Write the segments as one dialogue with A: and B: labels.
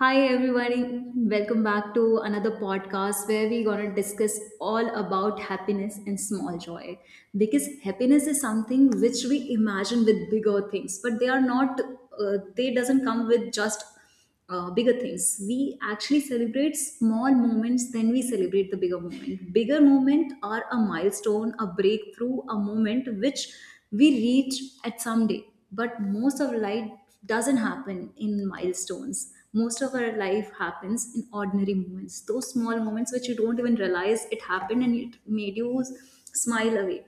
A: Hi, everyone! Welcome back to another podcast where we're going to discuss all about happiness and small joy. Because happiness is something which we imagine with bigger things, but they are not, they doesn't come with just bigger things. We actually celebrate small moments, then we celebrate the bigger moment. Bigger moment are a milestone, a breakthrough, a moment which we reach at some day. But most of life doesn't happen in milestones. Most of our life happens in ordinary moments, those small moments which you don't even realize it happened and it made you smile away.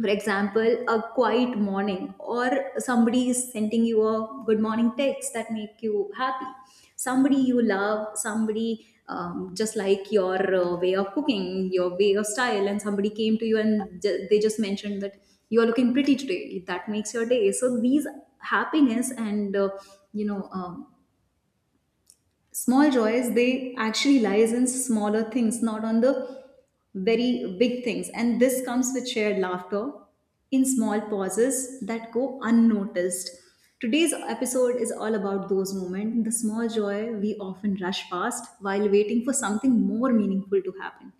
A: For example, a quiet morning, or somebody is sending you a good morning text that make you happy. Somebody you love, somebody, just like your way of cooking, your way of style, and somebody came to you and they just mentioned that you are looking pretty today, that makes your day. So these happiness and, you know um, small joys, they actually lies in smaller things, not on the very big things. And this comes with shared laughter in small pauses that go unnoticed. Today's episode is all about those moments, the small joy we often rush past while waiting for something more meaningful to happen.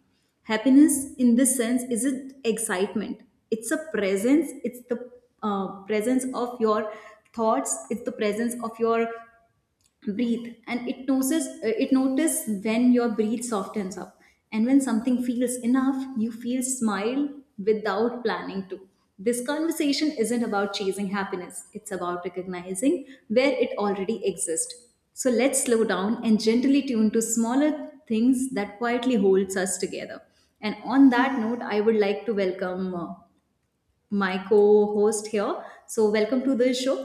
A: Happiness in this sense isn't excitement, it's a presence. It's the presence of your thoughts, it's the presence of your breathe, and it notices, it notice when your breath softens up and when something feels enough, you feel smile without planning to. This conversation isn't about chasing happiness, it's about recognizing where it already exists. So let's slow down and gently tune to smaller things that quietly holds us together. And on that note, I would like to welcome my co-host here. So welcome to the show.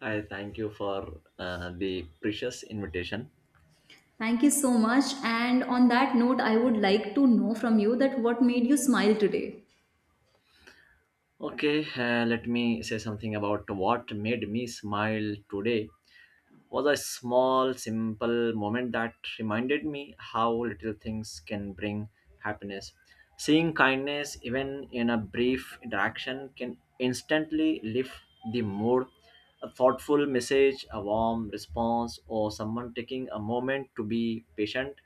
B: I thank you for the precious invitation.
A: Thank you so much. And on that note, I would like to know from you that what made you smile today?
B: Okay, let me say something about what made me smile today. Was a small, simple moment that reminded me how little things can bring happiness. Seeing kindness, even in a brief interaction, can instantly lift the mood. A thoughtful message, a warm response, or someone taking a moment to be patient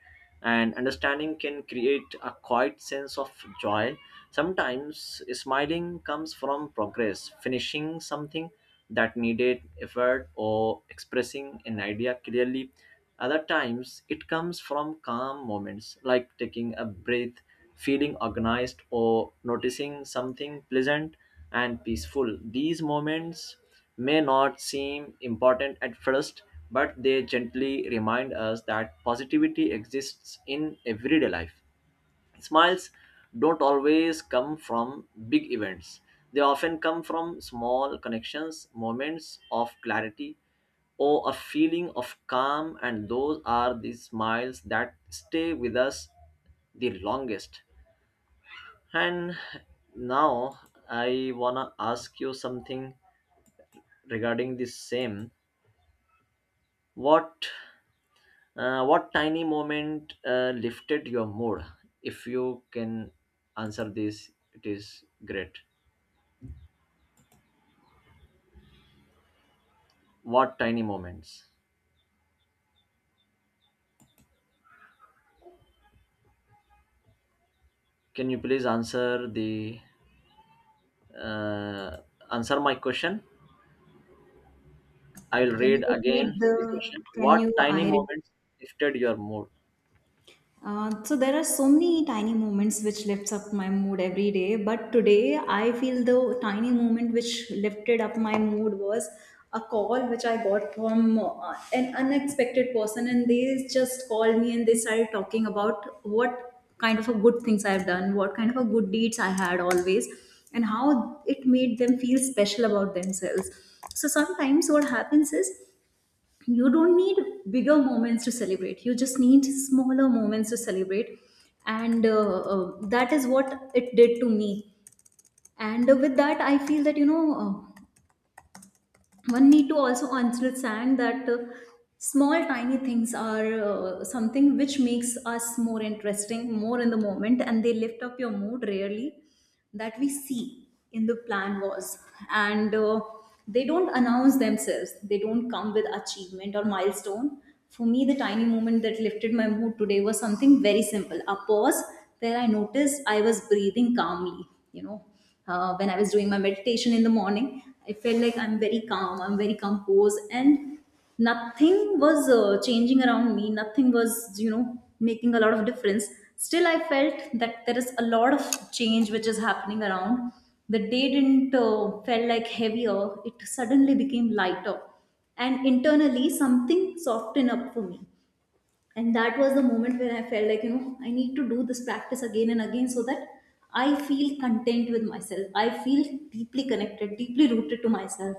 B: and understanding can create a quiet sense of joy. Sometimes smiling comes from progress, finishing something that needed effort or expressing an idea clearly. Other times it comes from calm moments like taking a breath, feeling organized, or noticing something pleasant and peaceful. These moments may not seem important at first, but they gently remind us that positivity exists in everyday life. Smiles don't always come from big events. They often come from small connections, moments of clarity, or a feeling of calm, and those are the smiles that stay with us the longest. And now I wanna ask you something regarding the same. What what tiny moment lifted your mood? If you can answer this, it is great. What tiny moments? Can you please answer the uh, answer my question? I will
A: Can you
B: read
A: repeat
B: again the
A: the?
B: question.
A: Can
B: What
A: you?
B: tiny
A: I repeat.
B: moments lifted your mood?
A: So there are so many tiny moments which lifts up my mood every day, but today I feel the tiny moment which lifted up my mood was a call which I got from an unexpected person, and they just called me, and they started talking about what kind of a good things I've done, what kind of a good deeds I had always, and how it made them feel special about themselves. So sometimes what happens is you don't need bigger moments to celebrate, you just need smaller moments to celebrate. And that is what it did to me. And with that I feel that, one need to also understand that small tiny things are something which makes us more interesting, more in the moment, and they lift up your mood rarely that we see in the plan was. And they don't announce themselves, they don't come with achievement or milestone. For me, the tiny moment that lifted my mood today was something very simple, a pause where I noticed I was breathing calmly, you know. When I was doing my meditation in the morning, I felt like I'm very calm, I'm very composed, and nothing was changing around me, nothing was, you know, making a lot of difference. Still, I felt that there is a lot of change which is happening around. The day didn't felt like heavier, it suddenly became lighter, and internally, something softened up for me, and that was the moment when I felt like, you know, I need to do this practice again and again so that I feel content with myself, I feel deeply connected, deeply rooted to myself.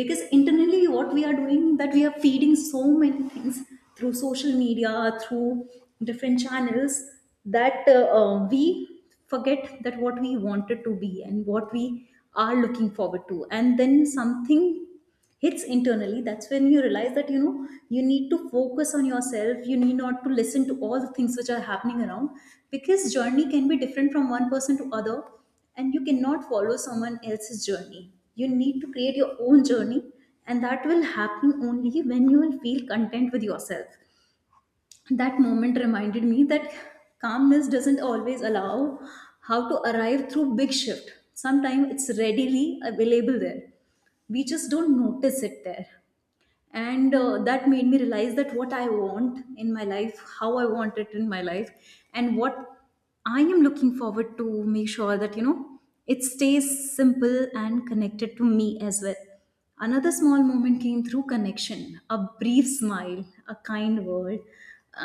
A: Because internally what we are doing, that we are feeding so many things through social media, through different channels, that we forget that what we wanted to be and what we are looking forward to. And then something hits internally, that's when you realize that, you know, you need to focus on yourself, you need not to listen to all the things which are happening around, because journey can be different from one person to other, and you cannot follow someone else's journey, you need to create your own journey. And that will happen only when you will feel content with yourself. That moment reminded me that calmness doesn't always allow how to arrive through big shift, sometimes it's readily available there, we just don't notice it there. And that made me realize that what I want in my life, how I want it in my life, and what I am looking forward to, make sure that, you know, it stays simple and connected to me as well. Another small moment came through connection, a brief smile, a kind word,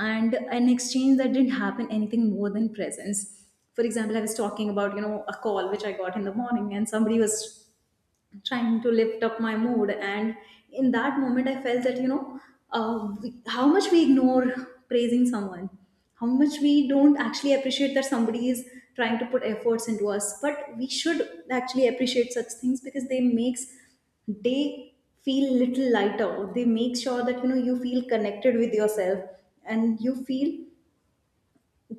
A: and an exchange that didn't happen anything more than presence. For example, I was talking about, you know, a call which I got in the morning, and somebody was trying to lift up my mood, and in that moment I felt that, you know, how much we ignore praising someone, how much we don't actually appreciate that somebody is trying to put efforts into us, but we should actually appreciate such things, because they makes, they feel little lighter. They make sure that, you know, you feel connected with yourself and you feel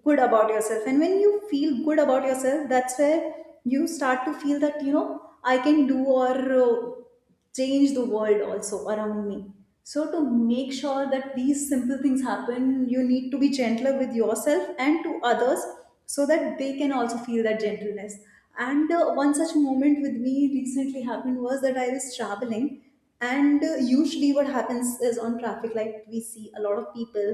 A: good about yourself, and when you feel good about yourself, that's where you start to feel that, you know, I can do or uh, change the world also around me. So to make sure that these simple things happen, you need to be gentler with yourself and to others, so that they can also feel that gentleness. And one such moment with me recently happened was that I was traveling. And usually what happens is on traffic light, we see a lot of people,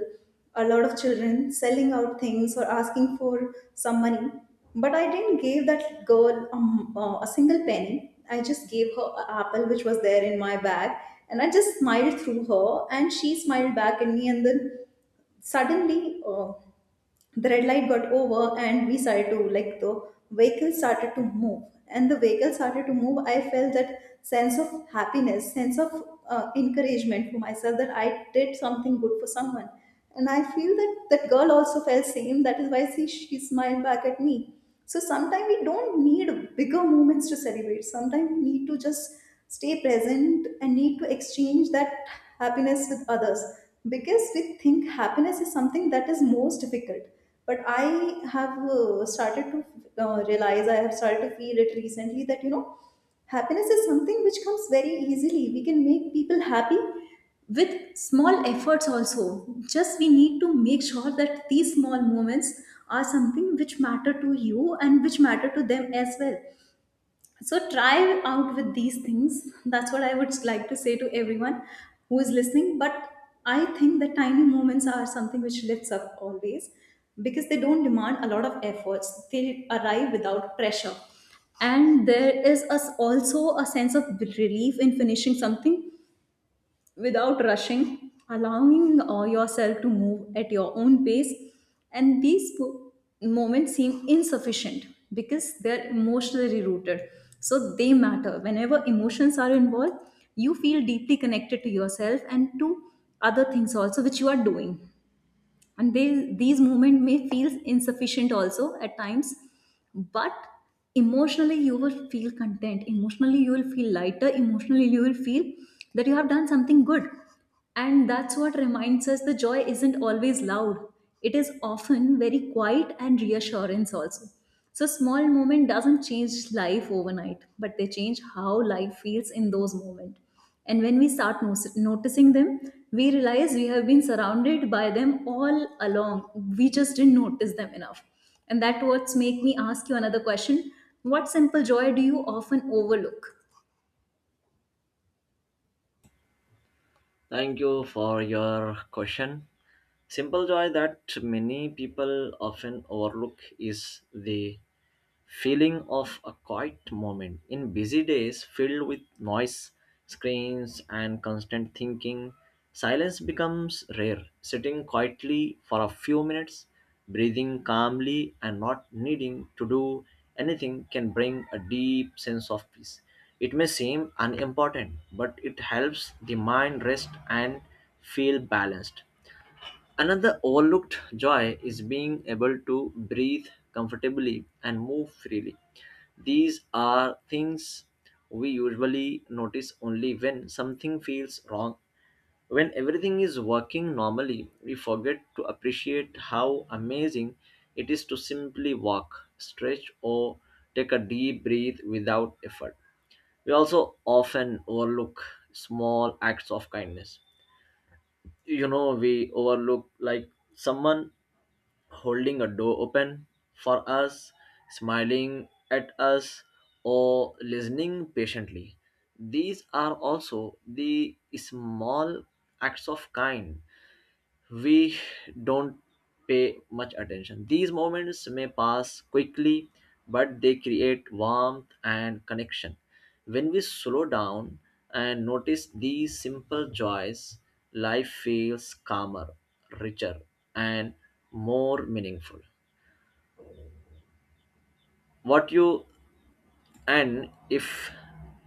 A: a lot of children selling out things or asking for some money. But I didn't give that girl a single penny. I just gave her an apple which was there in my bag, and I just smiled through her, and she smiled back at me. And then suddenly, the red light got over and we started to, like, the vehicle started to move. And the vehicle started to move, I felt that sense of happiness, sense of encouragement for myself, that I did something good for someone. And I feel that that girl also felt same, that is why she smiled back at me. So sometimes we don't need bigger moments to celebrate, sometimes we need to just stay present and need to exchange that happiness with others. Because we think happiness is something that is most difficult, but I have started to realize, I have started to feel it recently, that, you know, happiness is something which comes very easily, we can make people happy with small efforts also, just we need to make sure that these small moments are something which matter to you and which matter to them as well. So try out with these things. That's what I would like to say to everyone who is listening. But I think the tiny moments are something which lifts up always, because they don't demand a lot of efforts. They arrive without pressure. And there is us also a sense of relief in finishing something without rushing, allowing yourself to move at your own pace. And these moments seem insufficient because they're emotionally rooted. So they matter. Whenever emotions are involved, you feel deeply connected to yourself and to other things also which you are doing. And they, these movements may feel insufficient also at times, but emotionally you will feel content, emotionally you will feel lighter, emotionally you will feel that you have done something good. And that's what reminds us the joy isn't always loud, it is often very quiet and reassurance also. So small moment doesn't change life overnight, but they change how life feels in those moments. And when we start noticing them, we realize we have been surrounded by them all along. We just didn't notice them enough. And that what's make me ask you another question. What simple joy do you often overlook?
B: Thank you for your question. Simple joy that many people often overlook is the feeling of a quiet moment. In busy days filled with noise, screens, and constant thinking, silence becomes rare. Sitting quietly for a few minutes, breathing calmly, and not needing to do anything can bring a deep sense of peace. It may seem unimportant, but it helps the mind rest and feel balanced. Another overlooked joy is being able to breathe comfortably and move freely. These are things we usually notice only when something feels wrong. When everything is working normally, we forget to appreciate how amazing it is to simply walk, stretch, or take a deep breath without effort. We also often overlook small acts of kindness. You know, we overlook like someone holding a door open for us, smiling at us, or listening patiently. These are also the small acts of kind we don't pay much attention. These moments may pass quickly, but they create warmth and connection. When we slow down and notice these simple joys, life feels calmer, richer, and more meaningful. What you and if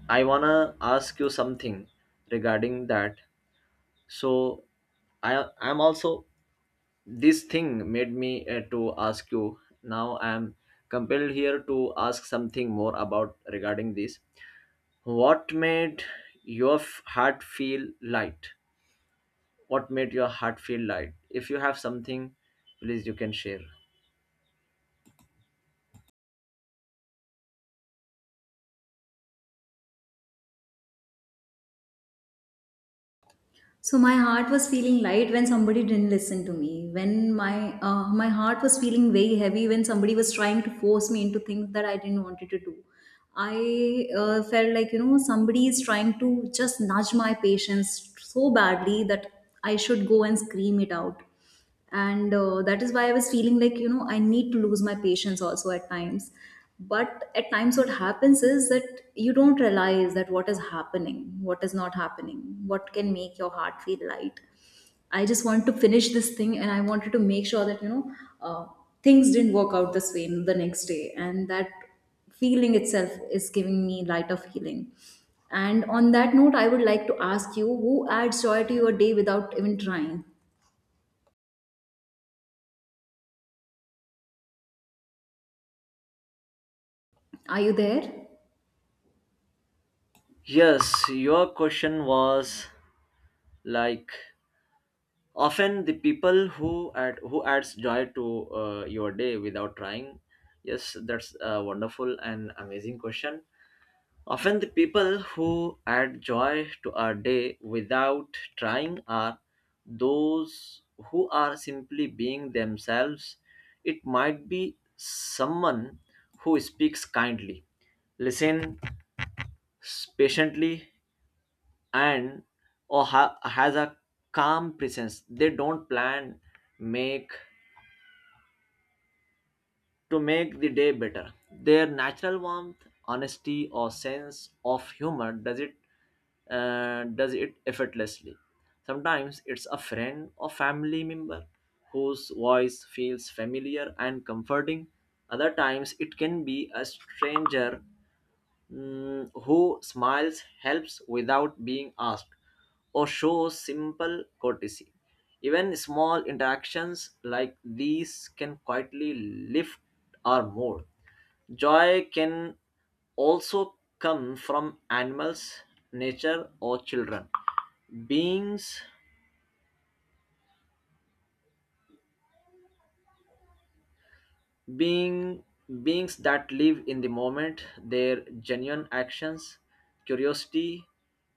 B: I wanna ask you something regarding that, so I'm also this thing made me to ask you. Now I am compelled here to ask something more about regarding this. What made your heart feel light? What made your heart feel light? If you have something, please you can share.
A: So my heart was feeling light when somebody didn't listen to me. When my my heart was feeling very heavy when somebody was trying to force me into things that I didn't wanted to do. I felt like you know somebody is trying to just nudge my patience so badly that I should go and scream it out, and that is why I was feeling like you know I need to lose my patience also at times. But at times what happens is that you don't realize that what is happening, what is not happening, what can make your heart feel light. I just want to finish this thing, and I wanted to make sure that uh, things didn't work out this way the next day, and that feeling itself is giving me lighter feeling. And on that note, I would like to ask you, who adds joy to your day without even trying? Are you there?
B: Yes, your question was like, often the people who add who adds joy to your day without trying. Yes, that's a wonderful and amazing question. Often the people who add joy to our day without trying are those who are simply being themselves. It might be someone who speaks kindly, listens patiently, and or has a calm presence. They don't plan, make, to make the day better. Their natural warmth, honesty, or sense of humor does it effortlessly. Sometimes it's a friend or family member whose voice feels familiar and comforting. Other times it can be a stranger. Mm, who smiles helps without being asked or shows simple courtesy. Even small interactions like these can quietly lift our mood. Joy can also come from animals, nature, or children. Beings being Beings that live in the moment, their genuine actions, curiosity,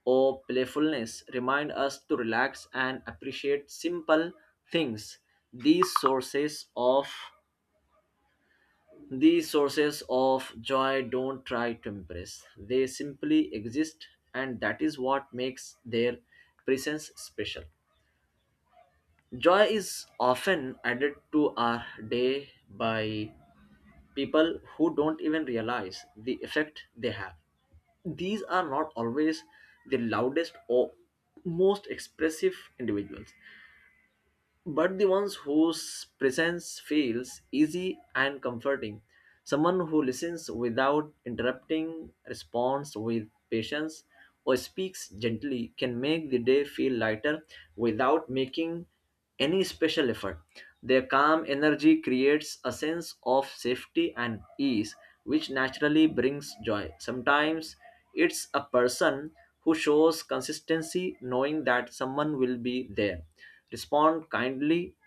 B: or playfulness remind us to relax and appreciate simple things. these sources of these sources of joy don't try to impress, they simply exist, and that is what makes their presence special. Joy is often added to our day by people who don't even realize the effect they have. These are not always the loudest or most expressive individuals, but the ones whose presence feels easy and comforting. Someone who listens without interrupting, responds with patience, or speaks gently can make the day feel lighter without making any special effort. Their calm energy creates a sense of safety and ease, which naturally brings joy. Sometimes it's a person who shows consistency, knowing that someone will be there. Respond kindly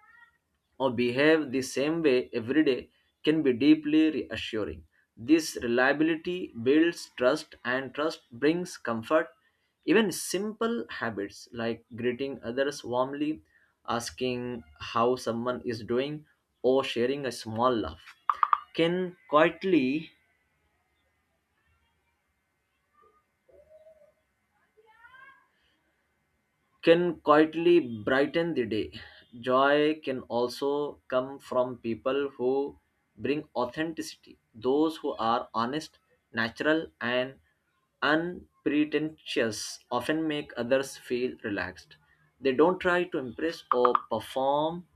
B: or behave the same way every day can be deeply reassuring. This reliability builds trust, and trust brings comfort. Even simple habits like greeting others warmly, asking how someone is doing, or sharing a small laugh can quietly can quietly brighten the day. Joy can also come from people who bring authenticity, those who are honest, natural, and unpretentious often make others feel relaxed. They don't try to impress or perform.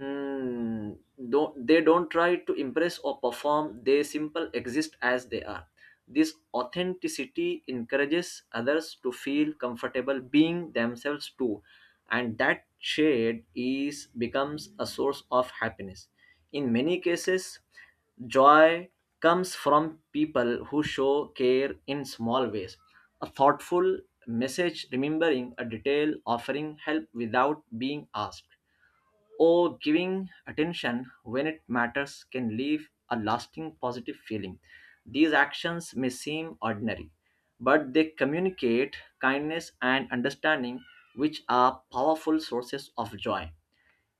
B: Hmm. Don't they don't try to impress or perform. They simple exist as they are. This authenticity encourages others to feel comfortable being themselves too, and that shade is becomes a source of happiness. In many cases, joy comes from people who show care in small ways. A thoughtful message, remembering a detail, offering help without being asked, or giving attention when it matters can leave a lasting positive feeling. These actions may seem ordinary, but they communicate kindness and understanding, which are powerful sources of joy.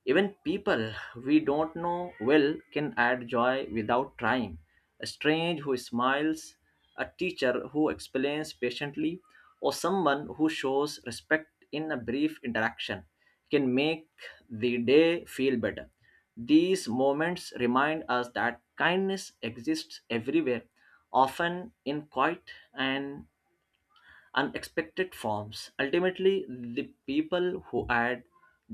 B: Even people we don't know well can add joy without trying. A stranger who smiles, a teacher who explains patiently, or someone who shows respect in a brief interaction can make the day feel better. These moments remind us that kindness exists everywhere, often in quiet and unexpected forms. Ultimately, the people who add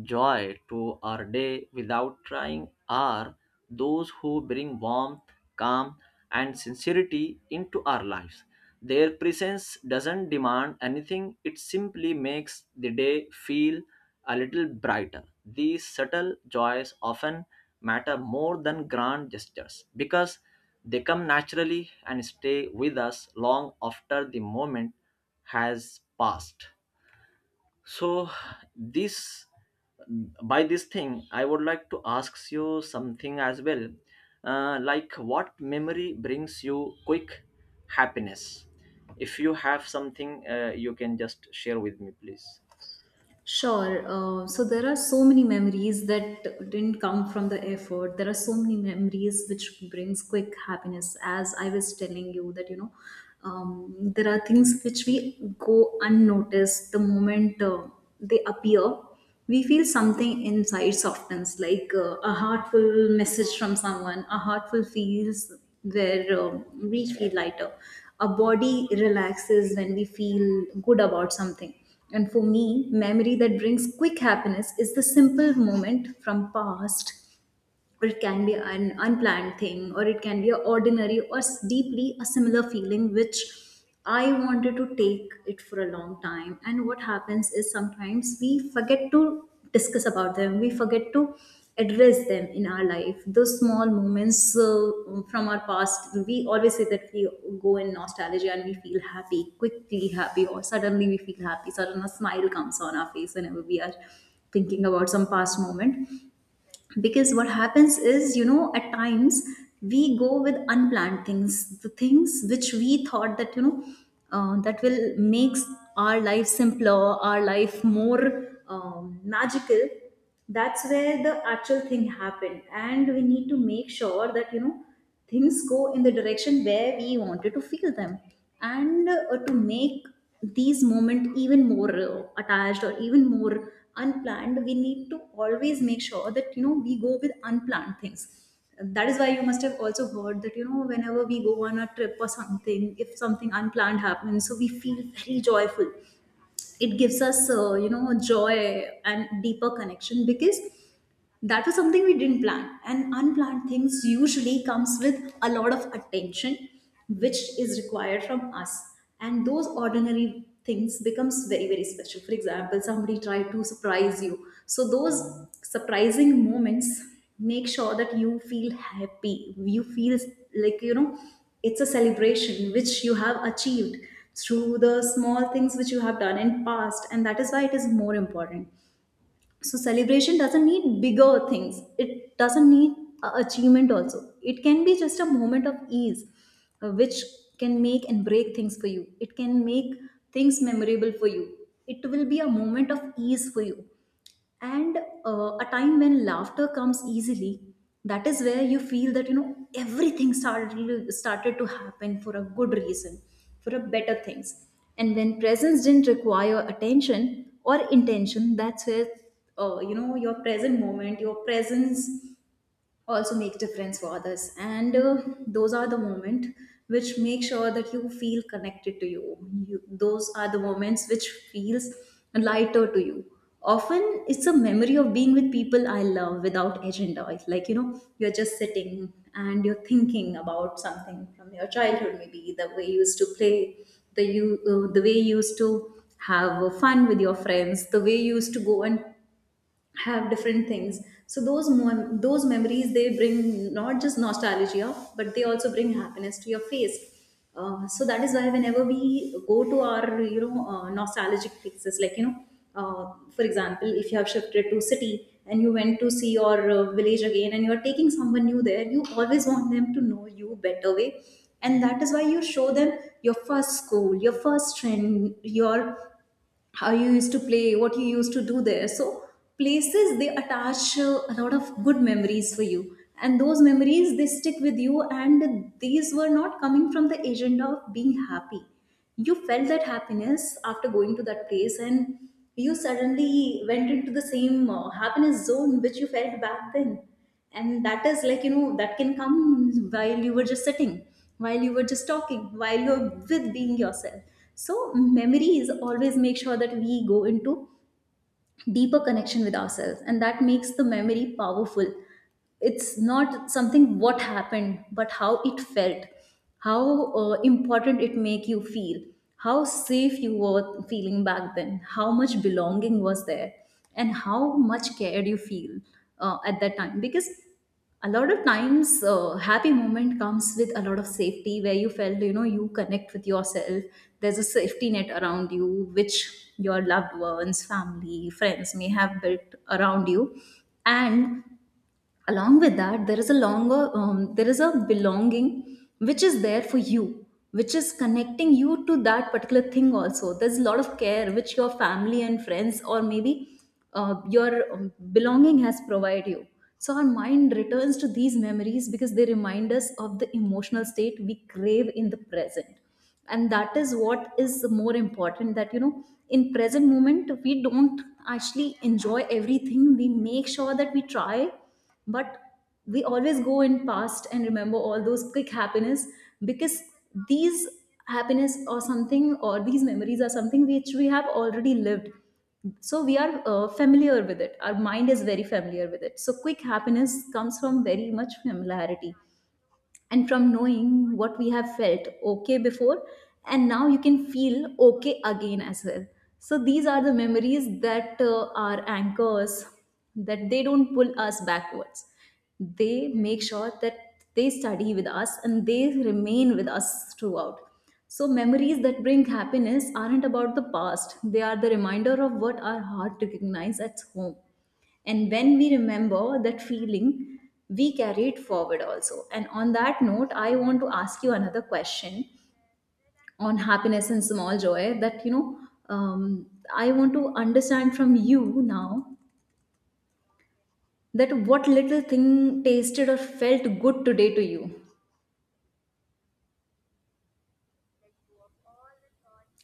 B: joy to our day without trying are those who bring warmth, calm, and sincerity into our lives. Their presence doesn't demand anything, it simply makes the day feel a little brighter. These subtle joys often matter more than grand gestures because they come naturally and stay with us long after the moment has passed. So this, by this thing, I would like to ask you something as well, like, what memory brings you quick happiness? If you have something, you can just share with me please.
A: Sure. So there are so many memories that didn't come from the effort. There are so many memories which brings quick happiness. As I was telling you that you know, there are things which we go unnoticed. The moment they appear, we feel something inside softens, like a heartful message from someone, a heartful feels where we feel lighter, a body relaxes when we feel good about something. And for me, memory that brings quick happiness is the simple moment from past, or it can be an unplanned thing, or it can be an ordinary or deeply a similar feeling which I wanted to take it for a long time. And what happens is sometimes we forget to discuss about them, we forget to address them in our life, those small moments from our past. We always say that we go in nostalgia and we feel happy, quickly happy, or suddenly we feel happy, sudden a smile comes on our face whenever we are thinking about some past moment. Because what happens is you know at times we go with unplanned things, the things which we thought that that will makes our life simpler, our life more magical. That's where the actual thing happened, and we need to make sure that you know things go in the direction where we wanted to feel them. And to make these moments even more attached or even more unplanned, we need to always make sure that you know we go with unplanned things. That is why you must have also heard that you know whenever we go on a trip or something, if something unplanned happens, so we feel very joyful. It gives us you know joy and deeper connection, because that was something we didn't plan, and unplanned things usually comes with a lot of attention which is required from us. And those ordinary things becomes very very special. For example, somebody tried to surprise you, so those surprising moments make sure that you feel happy, you feel like you know it's a celebration which you have achieved through the small things which you have done in past, and that is why it is more important. So celebration doesn't need bigger things, it doesn't need a achievement also, it can be just a moment of ease, which can make and break things for you. It can make things memorable for you, it will be a moment of ease for you. And a time when laughter comes easily, that is where you feel that you know everything started to happen for a good reason, for a better things. And when presence didn't require attention or intention, that's where you know your present moment, your presence also make difference for others. And those are the moment which make sure that you feel connected to you. You, those are the moments which feels lighter to you. Often it's a memory of being with people I love without agenda. It's like you know you're just sitting and you're thinking about something from your childhood, maybe the way you used to play, the you the way you used to have fun with your friends, the way you used to go and have different things. So those memories, they bring not just nostalgia but they also bring happiness to your face. So that is why whenever we go to our you know nostalgic places, like you know for example, if you have shifted to city and you went to see your village again, and you are taking someone new there, you always want them to know you better way. And that is why you show them your first school, your first friend, your how you used to play, what you used to do there. So places, they attach a lot of good memories for you, and those memories they stick with you. And these were not coming from the agenda of being happy. You felt that happiness after going to that place, and you suddenly went into the same happiness zone which you felt back then. And that is like you know that can come while you were just sitting, while you were just talking, while you're with being yourself. So memories always make sure that we go into deeper connection with ourselves, and that makes the memory powerful. It's not something what happened but how it felt, how important it make you feel, how safe you were feeling back then, how much belonging was there, and how much cared you feel at that time. Because a lot of times happy moment comes with a lot of safety where you felt you know you connect with yourself. There's a safety net around you which your loved ones, family, friends may have built around you. And along with that there is a longer there is a belonging which is there for you, which is connecting you to that particular thing. Also there's a lot of care which your family and friends, or maybe your belonging has provided you. So our mind returns to these memories because they remind us of the emotional state we crave in the present. And that is what is more important, that you know in present moment we don't actually enjoy everything, we make sure that we try. But we always go in past and remember all those quick happiness, because these happiness or something, or these memories are something which we have already lived. So we are familiar with it, our mind is very familiar with it, so quick happiness comes from very much familiarity, and from knowing what we have felt okay before, and now you can feel okay again as well. So these are the memories that are anchors, that they don't pull us backwards, they make sure that they study with us and they remain with us throughout. So memories that bring happiness aren't about the past, they are the reminder of what our heart recognizes at home. And when we remember that feeling, we carry it forward also. And on that note, I want to ask you another question on happiness and small joy that, you know, I want to understand from you now that what little thing tasted or felt good today to you.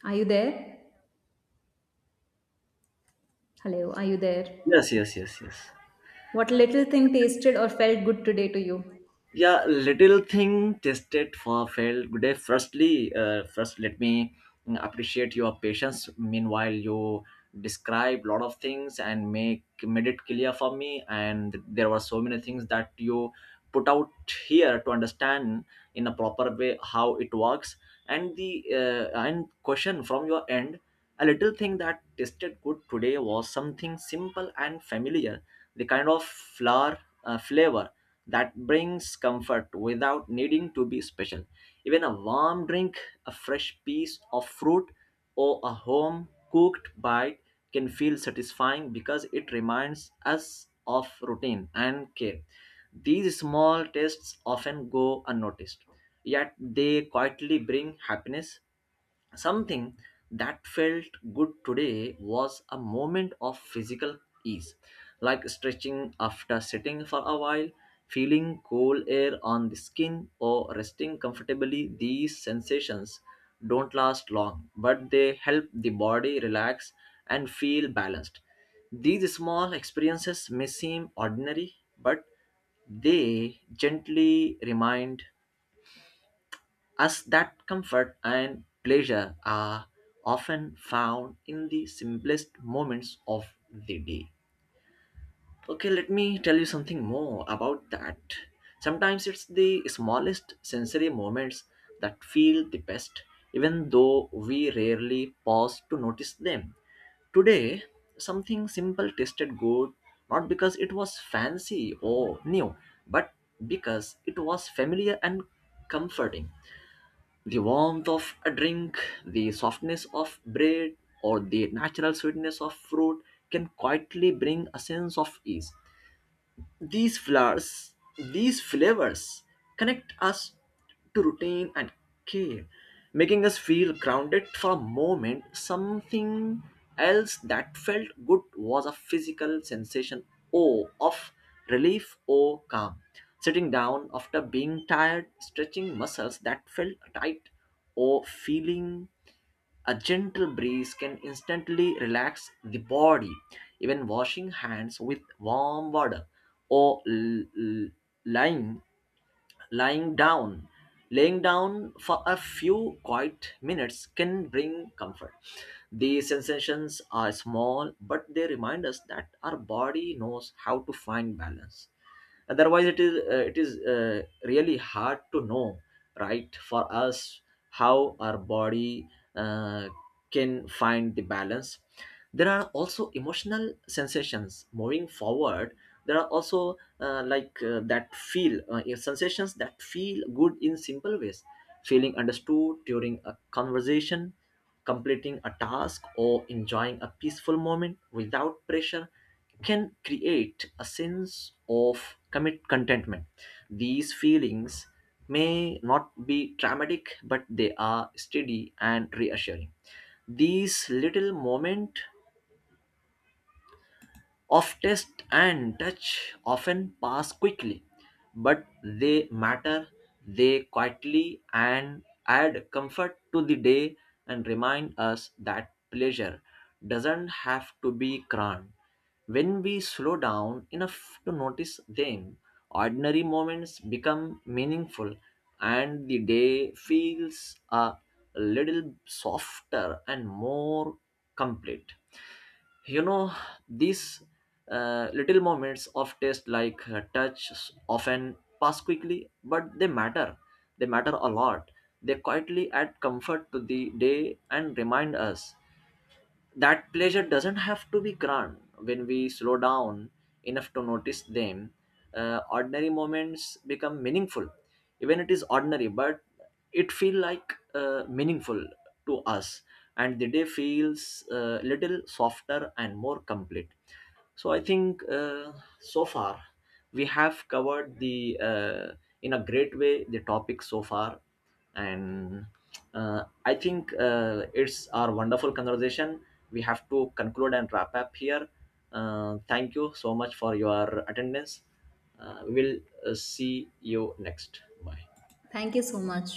A: Are you there? Hello, are you there?
B: Yes, yes, yes, yes.
A: What little thing tasted or felt good today to you?
B: Yeah, little thing tested for failed good day. Firstly, first let me appreciate your patience. Meanwhile, you describe lot of things and make made it clear for me, and there were so many things that you put out here to understand in a proper way how it works. And the and question from your end, a little thing that tasted good today was something simple and familiar, the kind of flour, flavor that brings comfort without needing to be special. Even a warm drink, a fresh piece of fruit, or a home cooked bite can feel satisfying because it reminds us of routine and care. These small tastes often go unnoticed, yet they quietly bring happiness. Something that felt good today was a moment of physical ease, like stretching after sitting for a while, feeling cool air on the skin, or resting comfortably. These sensations don't last long, but they help the body relax and feel balanced. These small experiences may seem ordinary, but they gently remind as that comfort and pleasure are often found in the simplest moments of the day. Okay, let me tell you something more about that. Sometimes it's the smallest sensory moments that feel the best, even though we rarely pause to notice them. Today, something simple tasted good not because it was fancy or new, but because it was familiar and comforting. The warmth of a drink, the softness of bread, or the natural sweetness of fruit can quietly bring a sense of ease. These flowers, these flavors connect us to routine and care, making us feel grounded for a moment. Something else that felt good was a physical sensation, oh, of relief or calm. Sitting down after being tired, stretching muscles that felt tight, or feeling a gentle breeze can instantly relax the body. Even washing hands with warm water or lying lying down, laying down for a few quiet minutes can bring comfort. These sensations are small, but they remind us that our body knows how to find balance. Otherwise it is really hard to know right for us how our body uh, can find the balance. There are also emotional sensations. Moving forward, there are also like that feel sensations that feel good in simple ways. Feeling understood during a conversation, completing a task, or enjoying a peaceful moment without pressure can create a sense of commit contentment. These feelings may not be dramatic, but they are steady and reassuring. These little moments of taste and touch often pass quickly, but they matter. They quietly and add comfort to the day and remind us that pleasure doesn't have to be grand. When we slow down enough to notice them, ordinary moments become meaningful and the day feels a little softer and more complete. You know, these little moments of taste, like touch, often pass quickly, but they matter. They matter a lot. They quietly add comfort to the day and remind us that pleasure doesn't have to be grand when we slow down enough to notice them. Ordinary moments become meaningful, even it is ordinary but it feel like meaningful to us, and the day feels a little softer and more complete. So I think so far we have covered the in a great way the topic so far. And I think it's our wonderful conversation. We have to conclude and wrap up here. Thank you so much for your attendance. We'll see you next. Bye.
A: Thank you so much.